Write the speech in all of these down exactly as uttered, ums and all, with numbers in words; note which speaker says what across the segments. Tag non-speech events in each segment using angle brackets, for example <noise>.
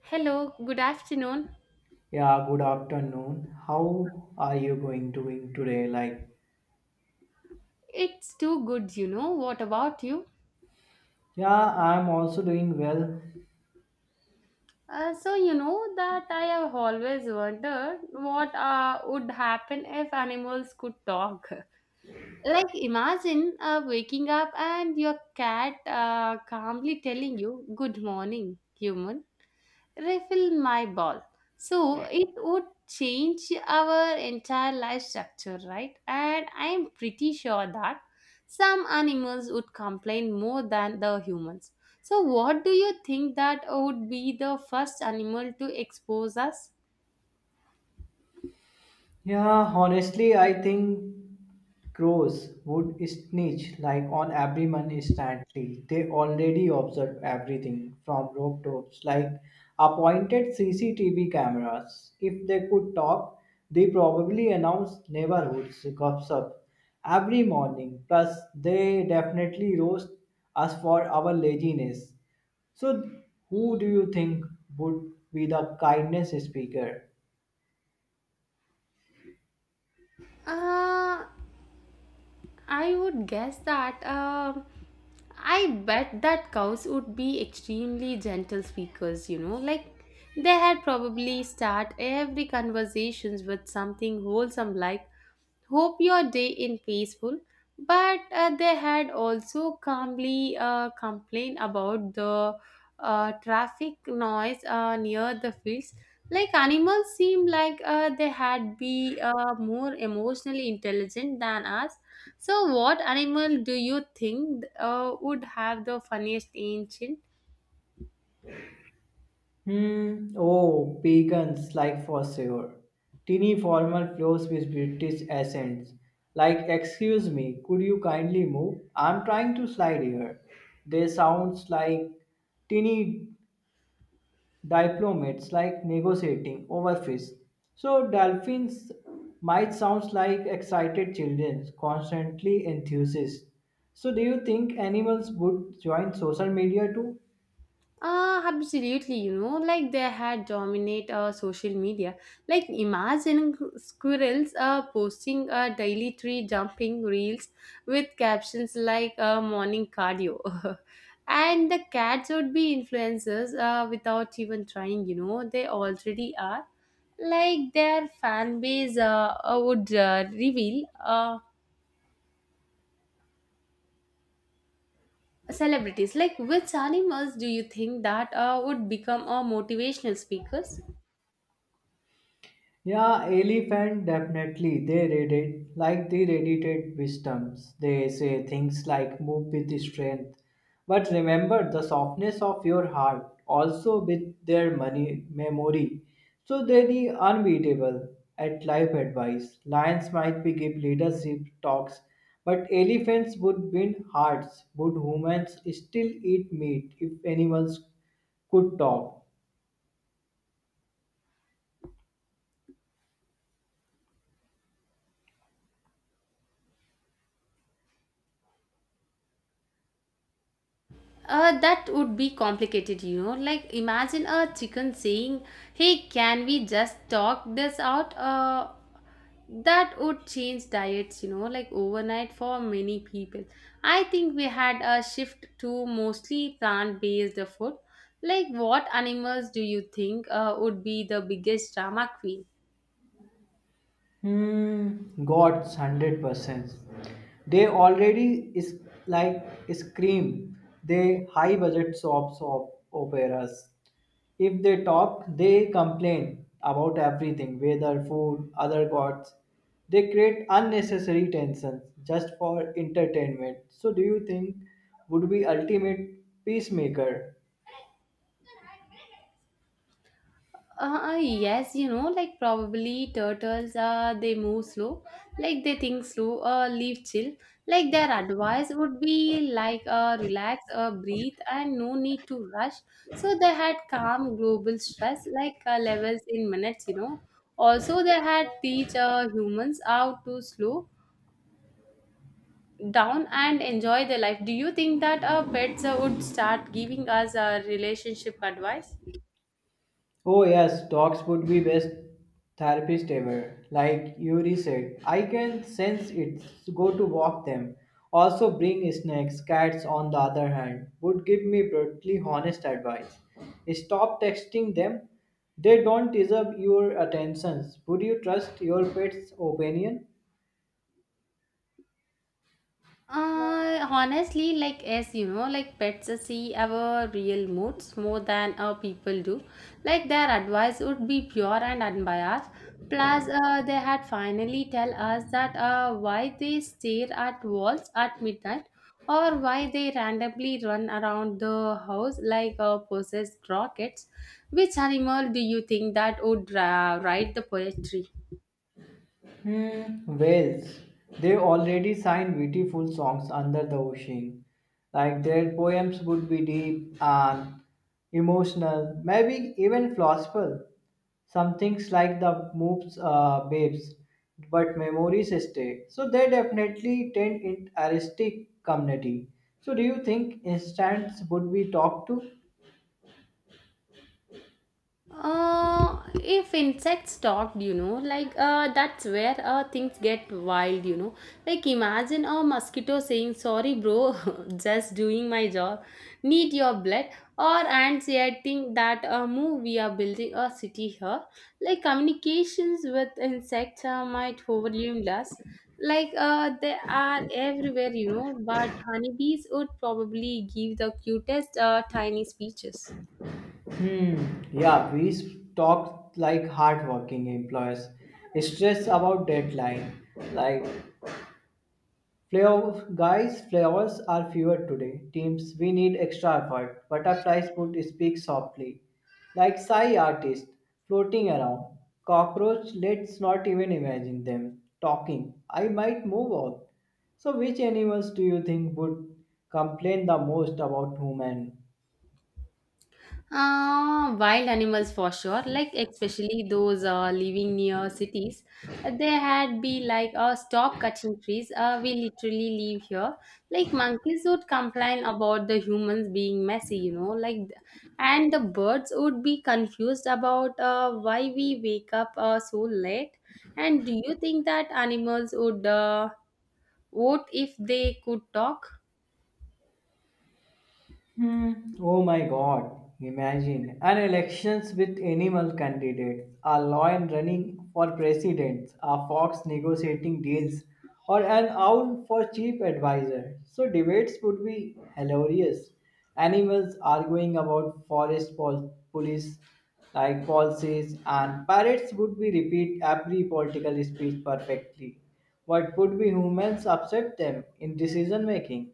Speaker 1: Hello, good afternoon.
Speaker 2: Yeah, good afternoon. How are you going doing today? Like,
Speaker 1: It's too good, you know. What about you?
Speaker 2: yeah, I'm also doing well.
Speaker 1: Uh, so, you know that I have always wondered what uh, would happen if animals could talk. <laughs> Like, imagine uh, waking up and your cat uh, calmly telling you, "Good morning, human. Refill my ball." So it would change our entire life structure, right? And I'm pretty sure that some animals would complain more than the humans. So, what do you think that would be the first animal to expose us?
Speaker 2: Yeah, honestly, I think crows would snitch like on everyone instantly. They already observe everything from rooftops, like appointed C C T V cameras. If they could talk, they probably announce neighborhoods gossip every morning. Plus, they definitely roast us for our laziness. So, who do you think would be the kindness speaker?
Speaker 1: Uh, I would guess that um I bet that cows would be extremely gentle speakers, you know, like they had probably start every conversations with something wholesome like, "Hope your day in peaceful." But uh, they had also calmly uh, complained about the uh, traffic noise uh, near the fields. Like animals seem like uh, they had be uh, more emotionally intelligent than us. So, what animal do you think uh, would have the funniest ancient?
Speaker 2: Hmm. Oh, pagans, like for sure. Teeny formal clothes with British accents. Like, excuse me, could you kindly move? I'm trying to slide here. They sounds like teeny diplomats like negotiating over fish. So dolphins might sounds like excited children, constantly enthusiasts. So do you think animals would join social media too?
Speaker 1: Uh, absolutely, you know, like they had dominate uh, social media. Like imagine squirrels uh, posting uh, daily tree jumping reels with captions like uh, morning cardio. <laughs> And the cats would be influencers uh, without even trying, you know, they already are. Like their fan base uh, uh, would uh, reveal uh, celebrities. Like which animals do you think that uh, would become uh, motivational speakers?
Speaker 2: Yeah, elephant definitely. They read it like they radiated wisdoms. They say things like move with strength. But remember the softness of your heart, also with their money memory. So they the unbeatable at life advice. Lions might be give leadership talks, but elephants would win hearts. Would humans still eat meat if animals could talk?
Speaker 1: Uh, that would be complicated, you know. Like, imagine a chicken saying, "Hey, can we just talk this out?" Uh, that would change diets, you know, like overnight for many people. I think we had a shift to mostly plant based food. Like, what animals do you think uh, would be the biggest drama queen?
Speaker 2: Hmm, God's one hundred percent. They already is like scream. They high budget soaps op operas. If they talk, they complain about everything, weather, food, other gods. They create unnecessary tensions just for entertainment. So, do you think would be ultimate peacemaker?
Speaker 1: Uh, yes, you know, like probably turtles, uh, they move slow, like they think slow, uh, live chill. Like their advice would be like, uh, relax, uh, breathe, and no need to rush. So they had calm global stress, like uh, levels in minutes, you know. Also, they had teach uh, humans how to slow down and enjoy their life. Do you think that uh, pets uh, would start giving us uh, relationship advice?
Speaker 2: Oh, yes, dogs would be best therapist ever. Like Yuri said, I can sense it. Go to walk them. Also, bring snacks. Cats, on the other hand, would give me brutally honest advice. Stop texting them. They don't deserve your attentions. Would you trust your pet's opinion?
Speaker 1: Uh, honestly, like as you know, like pets see our real moods more than our people do. Like their advice would be pure and unbiased. Plus, uh, they had finally tell us that uh, why they stare at walls at midnight or why they randomly run around the house like uh, possessed rockets. Which animal do you think that would uh, write the poetry?
Speaker 2: Hmm, Wales. They already sang beautiful songs under the ocean. Like their poems would be deep and emotional, maybe even philosophical. Some things like the moves uh, babes, but memories stay. So they definitely tend in artistic community. So do you think instants would be talked to?
Speaker 1: Uh, if insects talked, you know, like uh, that's where uh, things get wild, you know. Like imagine a mosquito saying, "Sorry, bro, <laughs> just doing my job. Need your blood." Or ants yelling that uh, move. We are building a city here. Like communications with insects uh, might overwhelm us. Like uh, they are everywhere, you know. But honeybees would probably give the cutest uh, tiny speeches.
Speaker 2: Hmm. Yeah, we talk like hardworking employers. Stress about deadline. Like flavor guys, flavors are fewer today. Teams, we need extra effort. Butterflies would speak softly. Like sigh artist, floating around. Cockroach, let's not even imagine them. Talking. I might move on. So which animals do you think would complain the most about human?
Speaker 1: Uh, wild animals for sure, like especially those uh, living near cities. They had be like, uh, stop cutting trees. Uh, we literally live here. Like monkeys would complain about the humans being messy, you know, like, and the birds would be confused about uh, why we wake up uh, so late. And do you think that animals would uh, vote if they could talk?
Speaker 2: Hmm. Oh my god. Imagine an elections with animal candidates, a lion running for president, a fox negotiating deals, or an owl for chief advisor. So debates would be hilarious. Animals arguing about forest pol- police like policies and parrots would be repeat every political speech perfectly. What would be humans upset them in decision making?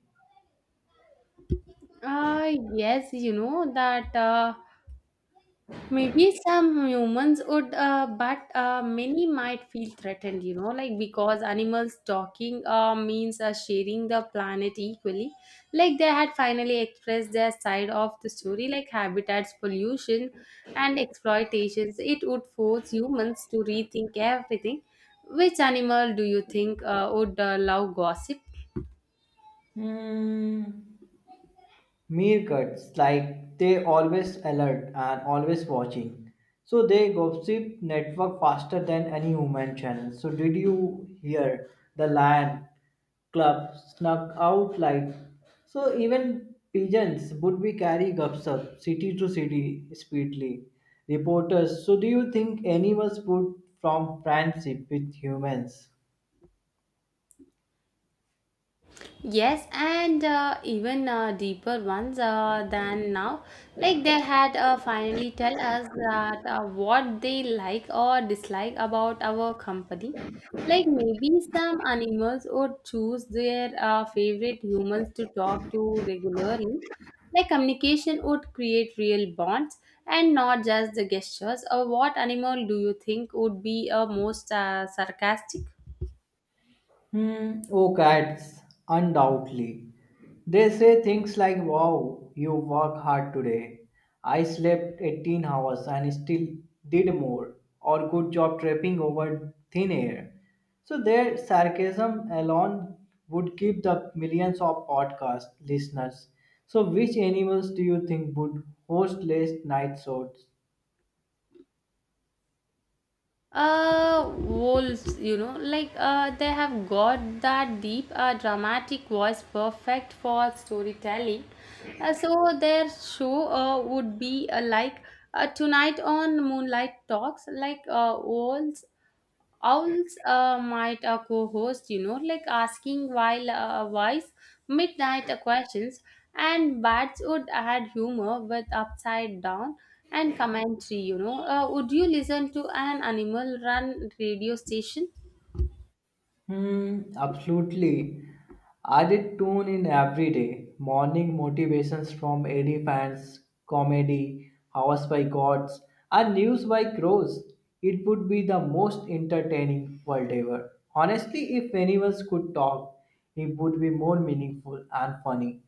Speaker 1: Uh, yes, you know that. Uh, Maybe some humans would, uh, but uh, many might feel threatened, you know, like because animals talking uh, means uh, sharing the planet equally. Like they had finally expressed their side of the story, like habitats, pollution, and exploitations. It would force humans to rethink everything. Which animal do you think uh, would uh, love gossip?
Speaker 2: Hmm. Meerkats like they always alert and always watching, so they gossip network faster than any human channel. So did you hear the lion club snuck out? Like so even pigeons would be carry gossip city to city speedily reporters. So do you think animals would from friendship with humans?
Speaker 1: Yes, and uh, even uh, deeper ones uh, than now. Like they had uh, finally tell us that uh, what they like or dislike about our company. Like maybe some animals would choose their uh, favorite humans to talk to regularly. Like communication would create real bonds and not just the gestures. Or what animal do you think would be uh, most uh, sarcastic?
Speaker 2: Hmm, oh, cats, undoubtedly. They say things like, Wow, you work hard today. I slept eighteen hours and still did more. Or good job tripping over thin air. So their sarcasm alone would keep the millions of podcast listeners. So which animals do you think would host late night shows?
Speaker 1: uh wolves, you know, like uh they have got that deep uh, dramatic voice perfect for storytelling, uh, so their show uh, would be uh, like uh, tonight on moonlight talks like uh, wolves. Owls uh, might uh, co-host, you know, like asking while uh, wise midnight questions, and bats would add humor with upside down and commentary. You know, uh, would you listen to an animal run radio station?
Speaker 2: Hmm, absolutely. Added tune in every day. Morning motivations from A D fans, comedy, hours by gods, and news by crows. It would be the most entertaining world ever. Honestly, if animals could talk, it would be more meaningful and funny.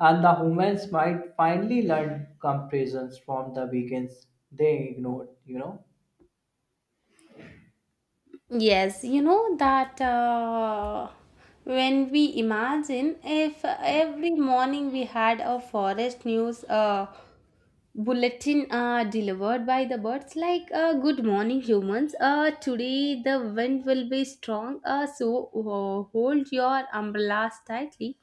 Speaker 2: And the humans might finally learn comparisons from the weekends they ignored, you know.
Speaker 1: Yes, you know that uh, when we imagine if every morning we had a forest news uh, bulletin uh, delivered by the birds, like uh, good morning humans, uh, today the wind will be strong, uh, so uh, hold your umbrellas tightly.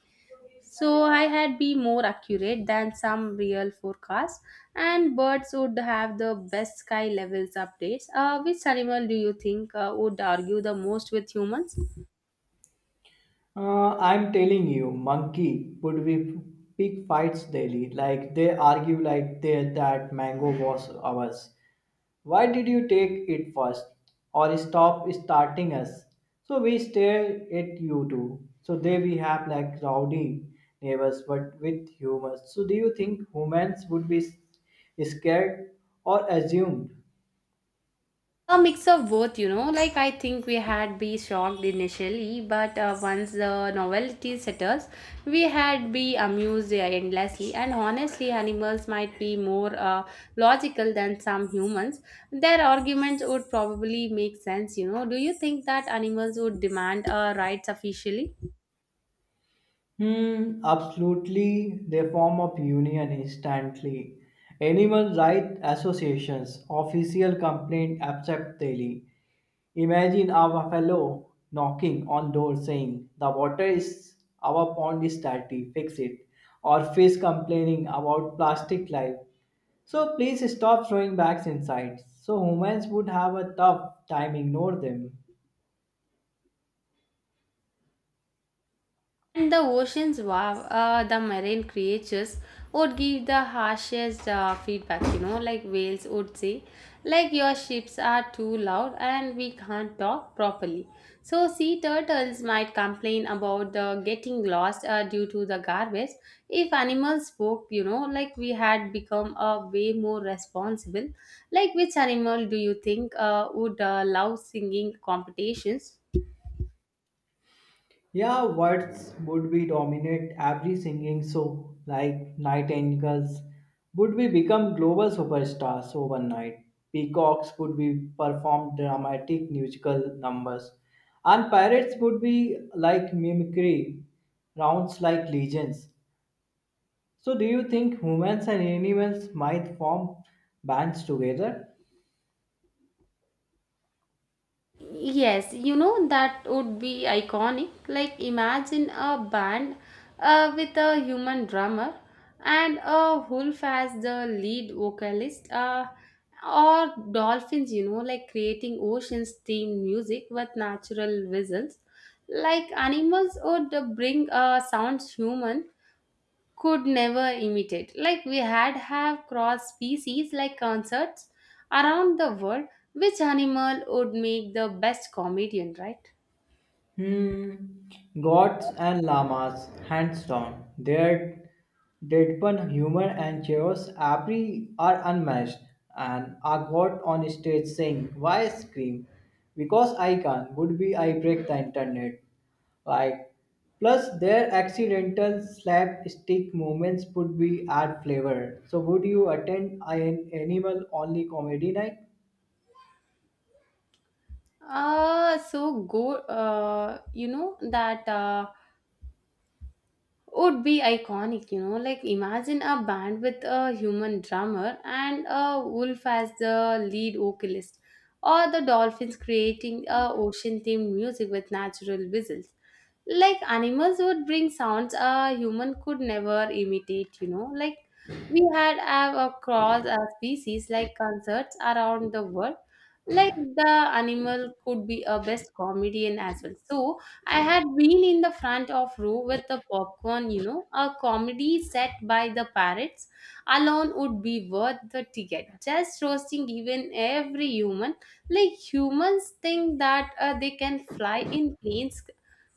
Speaker 1: So I had be more accurate than some real forecast, and birds would have the best sky levels updates. Uh, which animal do you think uh, would argue the most with humans?
Speaker 2: Uh, I'm telling you, monkey would be big fights daily. Like they argue like they that mango was ours. Why did you take it first? Or stop starting us? So we stare at you too. So there we have like rowdy neighbors, but with humor. So do you think humans would be s- scared or assumed?
Speaker 1: A mix of both, you know. Like I think we had be shocked initially, but uh, once the novelty settles, we had be amused endlessly. And honestly, animals might be more uh, logical than some humans. Their arguments would probably make sense, you know. Do you think that animals would demand uh, rights officially?
Speaker 2: Hmm, absolutely, they form a union instantly. Animal rights associations, official complaint accept daily. Imagine our fellow knocking on door saying the water is our pond is dirty, fix it. Or fish complaining about plastic life. So please stop throwing bags inside. So humans would have a tough time ignore them.
Speaker 1: And the oceans, wow, uh, the marine creatures would give the harshest uh, feedback, you know, like whales would say, like your ships are too loud and we can't talk properly. So, sea turtles might complain about the getting lost uh, due to the garbage. If animals spoke, you know, like we had become uh, way more responsible. Like, which animal do you think uh, would uh, love singing competitions?
Speaker 2: Yeah, words would be dominate every singing show, like Nightingales would be become global superstars overnight. Peacocks would be perform dramatic musical numbers, and parrots would be like mimicry rounds like legions. So, do you think humans and animals might form bands together?
Speaker 1: Yes, you know that would be iconic. Like imagine a band uh, with a human drummer and a wolf as the lead vocalist, uh, or dolphins. You know, like creating oceans themed music with natural whistles. Like animals would bring uh, sounds human could never imitate. Like we had have cross species like concerts around the world. Which animal would make the best comedian, right?
Speaker 2: Hmm. Gods and llamas, hands down. Their deadpan humor and chaos every are unmatched. And a god on stage saying, "Why scream? Because I can." Would be I break the internet. Like, plus their accidental slapstick moments would be add flavor. So, would you attend an animal only comedy night?
Speaker 1: Uh so go. Uh, you know that. Uh, would be iconic, you know. Like, imagine a band with a human drummer and a wolf as the lead vocalist, or the dolphins creating a ocean themed music with natural whistles. Like, animals would bring sounds a human could never imitate, you know. Like, we had uh, across uh, species like concerts around the world. Like, the animal could be a best comedian as well. So, I had been in the front of row with the popcorn, you know, a comedy set by the parrots alone would be worth the ticket. Just roasting even every human, like humans think that uh, they can fly in planes.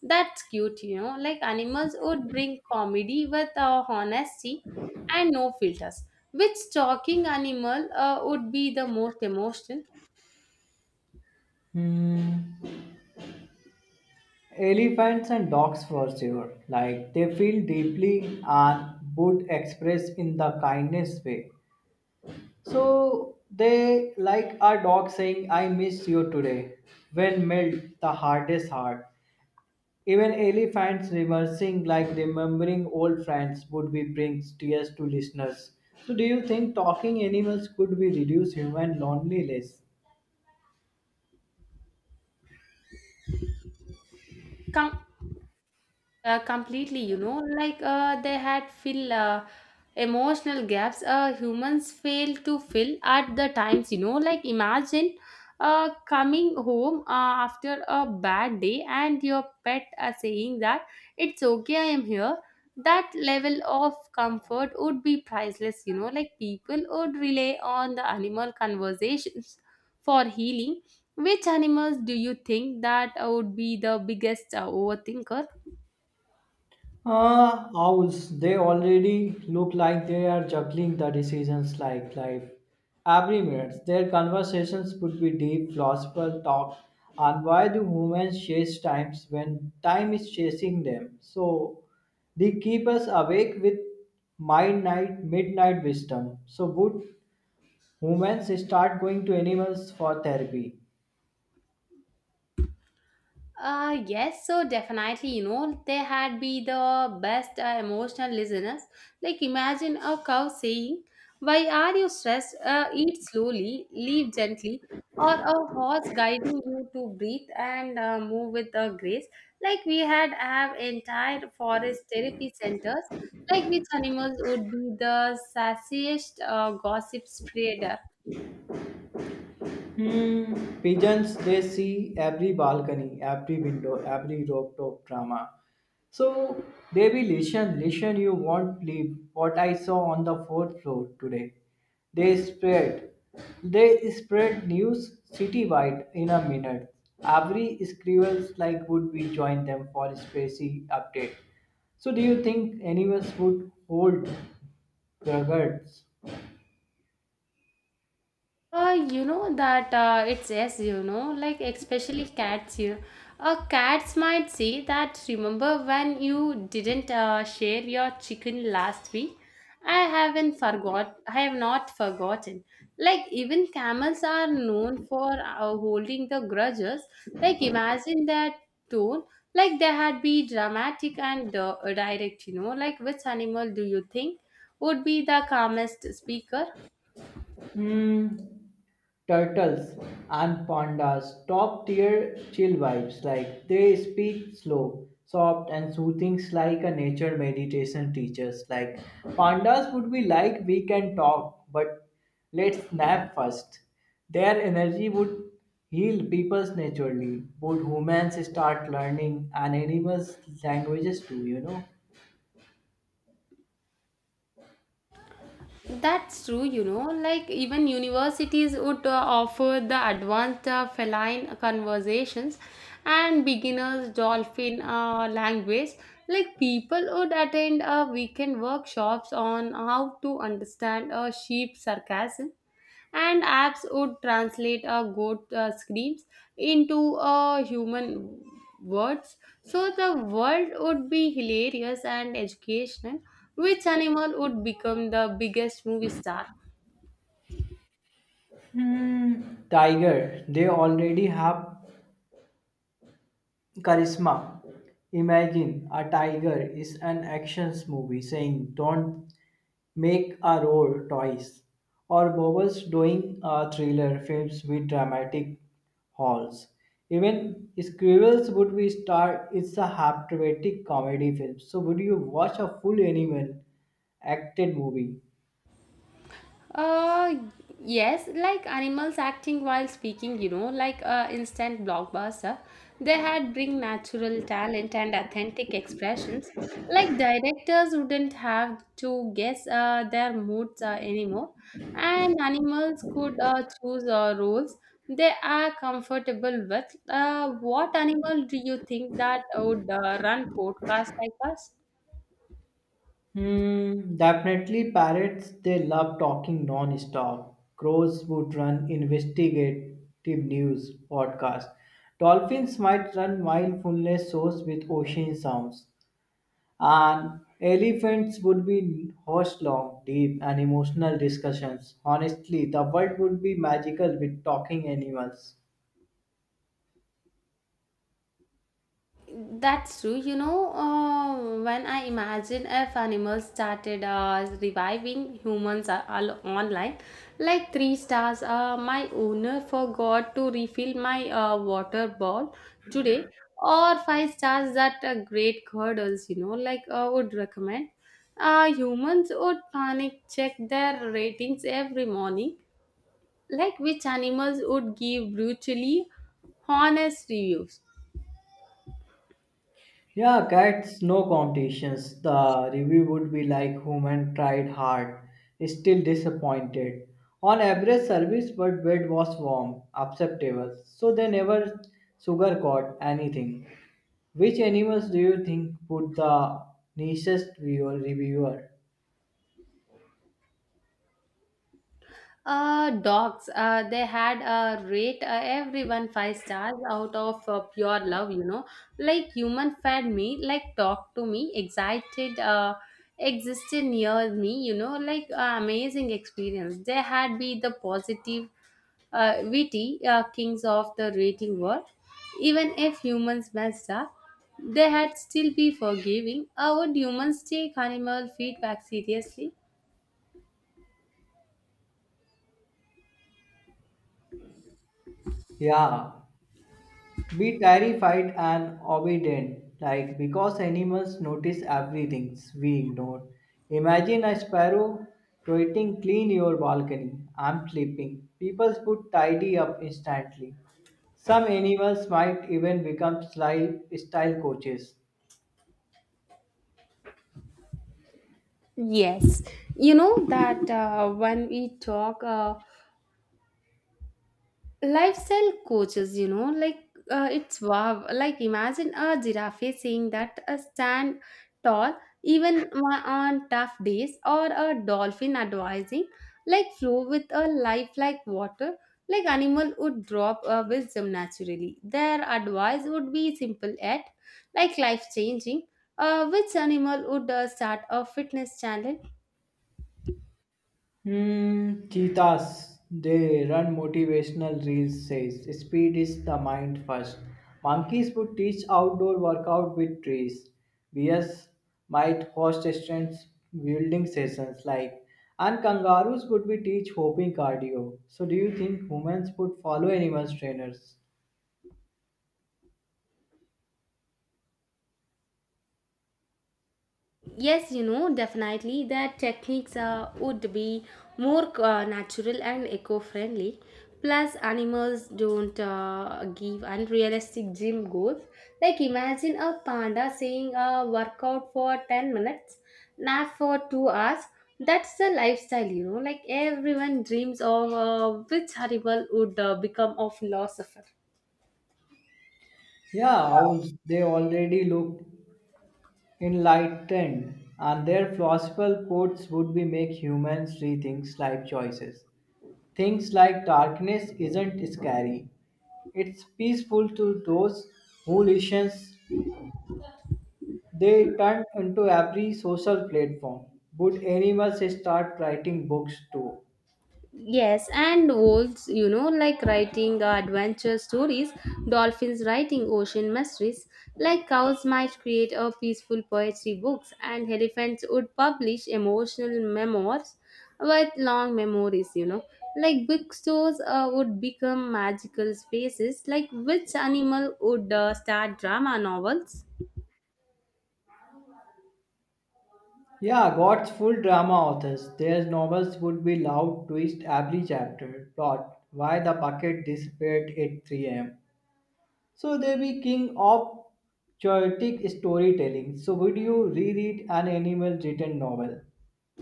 Speaker 1: That's cute, you know. Like animals would bring comedy with uh, honesty and no filters. Which talking animal uh, would be the most emotional?
Speaker 2: Hmm. Elephants and dogs for sure. Like they feel deeply and would express in the kindness way. So they like a dog saying, I miss you today. When melt the hardest heart. Even elephants reversing like remembering old friends would be brings tears to listeners. So do you think talking animals could be reduce human loneliness?
Speaker 1: Come Uh, completely, you know, like uh, they had fill uh, emotional gaps uh, humans fail to fill at the times, you know, like imagine uh, coming home uh, after a bad day and your pet uh, saying that it's okay, I am here. That level of comfort would be priceless, you know, like people would rely on the animal conversations for healing. Which animals do you think that uh, would be the biggest uh, overthinker?
Speaker 2: Ah, owls, they already look like they are juggling the decisions like life. Every minute, their conversations could be deep philosophical talk on why do humans chase times when time is chasing them. So they keep us awake with midnight midnight wisdom. So would humans start going to animals for therapy?
Speaker 1: Uh, yes, so definitely, you know, they had be the best uh, emotional listeners. Like, imagine a cow saying, "Why are you stressed? Uh, eat slowly, leave gently," or a horse guiding you to breathe and uh, move with a grace. Like, we had have entire forest therapy centers, like, which animals would be the sassiest uh, gossip spreader.
Speaker 2: Hmm, pigeons, they see every balcony, every window, every rooftop drama. So they will listen, listen, you won't believe what I saw on the fourth floor today. They spread, they spread news citywide in a minute. Every scribbles like would be join them for a spacey update. So do you think animals would hold grudges?
Speaker 1: Uh, you know that uh, it's yes, you know, like especially cats, you know. Uh, cats might say that remember when you didn't uh, share your chicken last week? I haven't forgot. I have not forgotten. Like even camels are known for uh, holding the grudges. Like imagine that tone. Like they had be dramatic and uh, direct. You know, like which animal do you think would be the calmest speaker?
Speaker 2: Hmm. Turtles and pandas, top tier chill vibes, like they speak slow, soft and soothing like a nature meditation teachers. Like pandas would be like, we can talk, but let's nap first. Their energy would heal peoples naturally. Would humans start learning and animals languages too, you know?
Speaker 1: That's true, you know, like even universities would uh, offer the advanced uh, feline conversations and beginners dolphin uh, language. Like people would attend uh, weekend workshops on how to understand a sheep sarcasm and apps would translate a goat uh, screams into uh, human words, so the world would be hilarious and educational. Which animal would become the biggest movie star?
Speaker 2: Hmm. Tiger, they already have charisma. Imagine a tiger is an actions movie saying, don't make a roar twice. Or Bowers doing a thriller films with dramatic halls. Even Squirrels would be star it's a hypnotic comedy film. So would you watch a full animal acted movie?
Speaker 1: Uh, yes, like animals acting while speaking, you know, like a instant blockbuster. They had bring natural talent and authentic expressions. Like directors wouldn't have to guess uh, their moods uh, anymore, and animals could uh, choose uh, roles they are comfortable with. Uh, what animal do you think that would uh, run podcasts like us?
Speaker 2: Hmm, definitely parrots, they love talking non-stop. Crows would run investigative news podcasts. Dolphins might run mindfulness shows with ocean sounds. And elephants would be host long, deep and emotional discussions. Honestly, the world would be magical with talking animals.
Speaker 1: That's true. You know, uh, when I imagine if animals started uh, reviving humans are all online, like three stars. Uh, my owner forgot to refill my uh, water bottle today. Or five stars that uh, great cuddles. You know, like I would recommend. Uh, humans would panic check their ratings every morning, like which animals would give brutally honest reviews.
Speaker 2: Yeah, cats, no competitions. The review would be like, human tried hard, still disappointed. On average service, but bed was warm, acceptable. So they never sugarcoat anything. Which animals do you think would the nicest viewer reviewer?
Speaker 1: Uh, dogs. Uh, they had uh, rate uh, everyone five stars out of uh, pure love. You know, like human fed me, like talked to me, excited. Uh, existed near me. You know, like uh, amazing experience. They had be the positive, uh, witty uh, kings of the rating world. Even if humans messed up, they had still be forgiving. Uh, would humans take animal feedback seriously?
Speaker 2: Yeah. Be terrified and obedient, like because animals notice everything we ignore. Imagine a sparrow tweeting, clean your balcony, I'm sleeping. People would tidy up instantly. Some animals might even become lifestyle coaches.
Speaker 1: Yes, you know that uh, when we talk uh, lifestyle coaches, you know, like uh, it's wow. Like imagine a giraffe saying that a stand tall even my- on tough days, or a dolphin advising like flow with a life like water. Like animal would drop uh, wisdom naturally. Their advice would be simple yet like life changing. Uh, which animal would uh, start a fitness channel?
Speaker 2: Hmm, cheetahs, they run motivational reels says speed is the mind first. Monkeys would teach outdoor workout with trees. Bears might host strength building sessions, like, and kangaroos would be teach hopping cardio. So do you think humans would follow animals trainers?
Speaker 1: Yes, you know, definitely that techniques uh, would be more uh, natural and eco friendly. Plus, animals don't uh, give unrealistic gym goals. Like, imagine a panda saying a workout for ten minutes, nap for two hours. That's the lifestyle, you know. Like, everyone dreams of uh, which animal would uh, become a philosopher.
Speaker 2: Yeah, owls, they already look enlightened and their philosophical quotes would be make humans rethink life choices. Things like darkness isn't scary. It's peaceful to those who listen. They turn into every social platform. Would animals start writing books too?
Speaker 1: Yes, and wolves, you know, like writing uh, adventure stories, dolphins writing ocean mysteries, like cows might create a peaceful poetry books, and elephants would publish emotional memoirs with long memories, you know. Like bookstores uh, would become magical spaces, like which animal would uh, start drama novels?
Speaker 2: Yeah, God's full drama authors. Their novels would be loud twist every chapter. Plot why the bucket disappeared at three a m. So they be king of chaotic storytelling. So would you reread an animal written novel?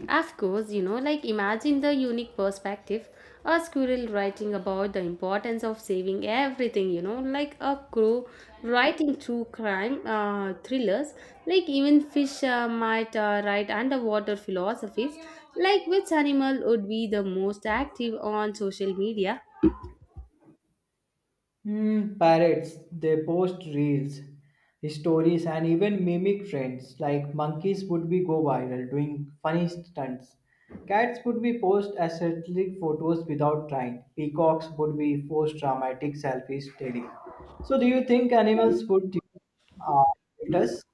Speaker 1: Of course, you know, like imagine the unique perspective, a squirrel writing about the importance of saving everything, you know, like a crow writing true crime uh, thrillers, like even fish uh, might uh, write underwater philosophies, like which animal would be the most active on social media.
Speaker 2: Hmm, parrots, they post reels, stories, and even mimic trends. Like monkeys would be go viral doing funny stunts. Cats would be post aesthetic photos without trying. Peacocks would be post dramatic selfies daily. So, do you think animals would uh, filters?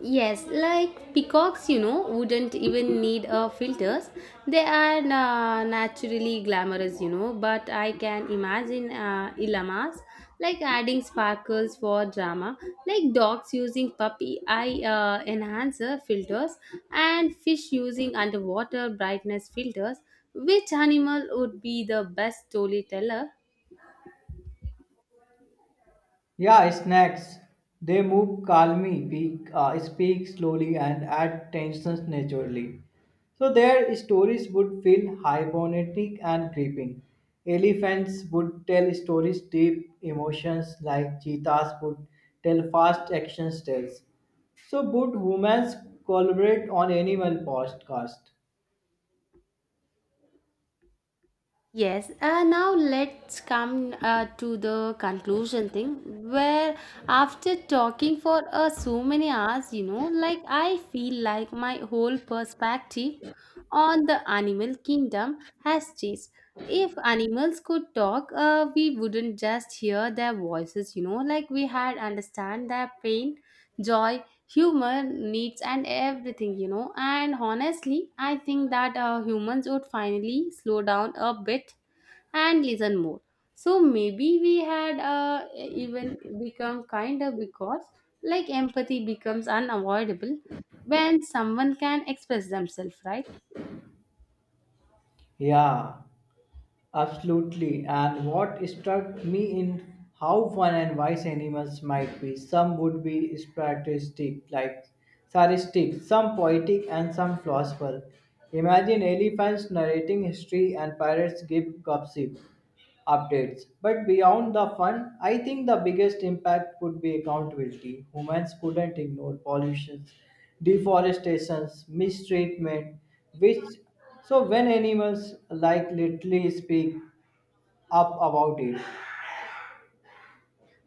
Speaker 1: Yes, like peacocks, you know, wouldn't even need uh, filters. They are uh, naturally glamorous, you know, but I can imagine uh, llamas like adding sparkles for drama, like dogs using puppy eye uh, enhancer filters, and fish using underwater brightness filters. Which animal would be the best storyteller?
Speaker 2: Yeah, snacks. They move calmly, speak, uh, speak slowly, and add tensions naturally. So their stories would feel hibernatic and creeping. Elephants would tell stories deep emotions like cheetahs would tell fast action tales. So would humans collaborate on animal podcast?
Speaker 1: Yes, uh, now let's come uh, to the conclusion thing where after talking for uh, so many hours, you know, like I feel like my whole perspective on the animal kingdom has changed. If animals could talk, uh, we wouldn't just hear their voices, you know, like we had understand their pain, joy, humor needs, and everything, you know. And honestly, I think that uh, humans would finally slow down a bit and listen more. So maybe we had uh, even become kinder, because like empathy becomes unavoidable when someone can express themselves, right?
Speaker 2: Yeah. Absolutely. And what struck me in how fun and wise animals might be. Some would be strategistic, like sadistic, some poetic, and some philosophical. Imagine elephants narrating history and pirates give gossip updates. But beyond the fun, I think the biggest impact would be accountability. Humans couldn't ignore pollution, deforestation, mistreatment, which, so when animals like literally speak up about it.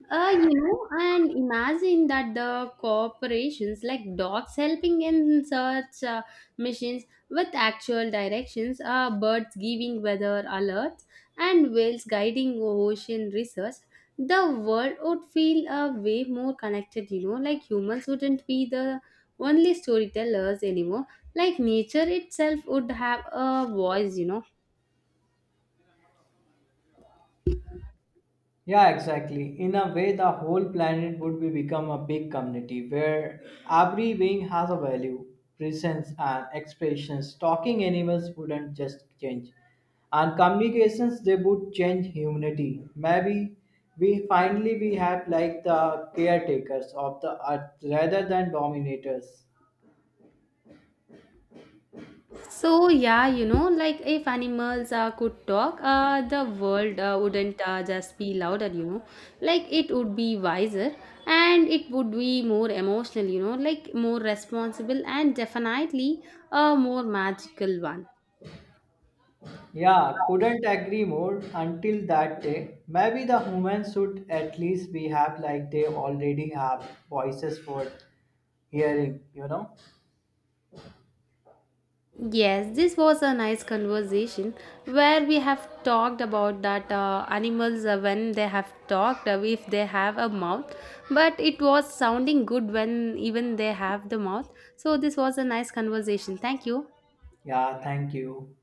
Speaker 1: Uh, you know, and imagine that the corporations, like dogs helping in search uh, missions with actual directions, uh, birds giving weather alerts, and whales guiding ocean research, the world would feel a uh, way more connected. You know, like humans wouldn't be the only storytellers anymore. Like nature itself would have a voice. You know.
Speaker 2: Yeah, exactly. In a way, the whole planet would be become a big community where every being has a value, presence, and expressions. Talking animals wouldn't just change, and communications they would change humanity. Maybe we finally we have like the caretakers of the earth rather than dominators.
Speaker 1: So yeah, you know, like if animals uh, could talk, uh, the world uh, wouldn't uh, just be louder, you know. Like it would be wiser, and it would be more emotional, you know, like more responsible, and definitely a more magical one.
Speaker 2: Yeah, couldn't agree more. Until that day, maybe the humans should at least behave like they already have voices for hearing, you know?
Speaker 1: Yes, this was a nice conversation where we have talked about that uh, animals uh, when they have talked uh, if they have a mouth, but it was sounding good when even they have the mouth. So this was a nice conversation. Thank you.
Speaker 2: Yeah, thank you.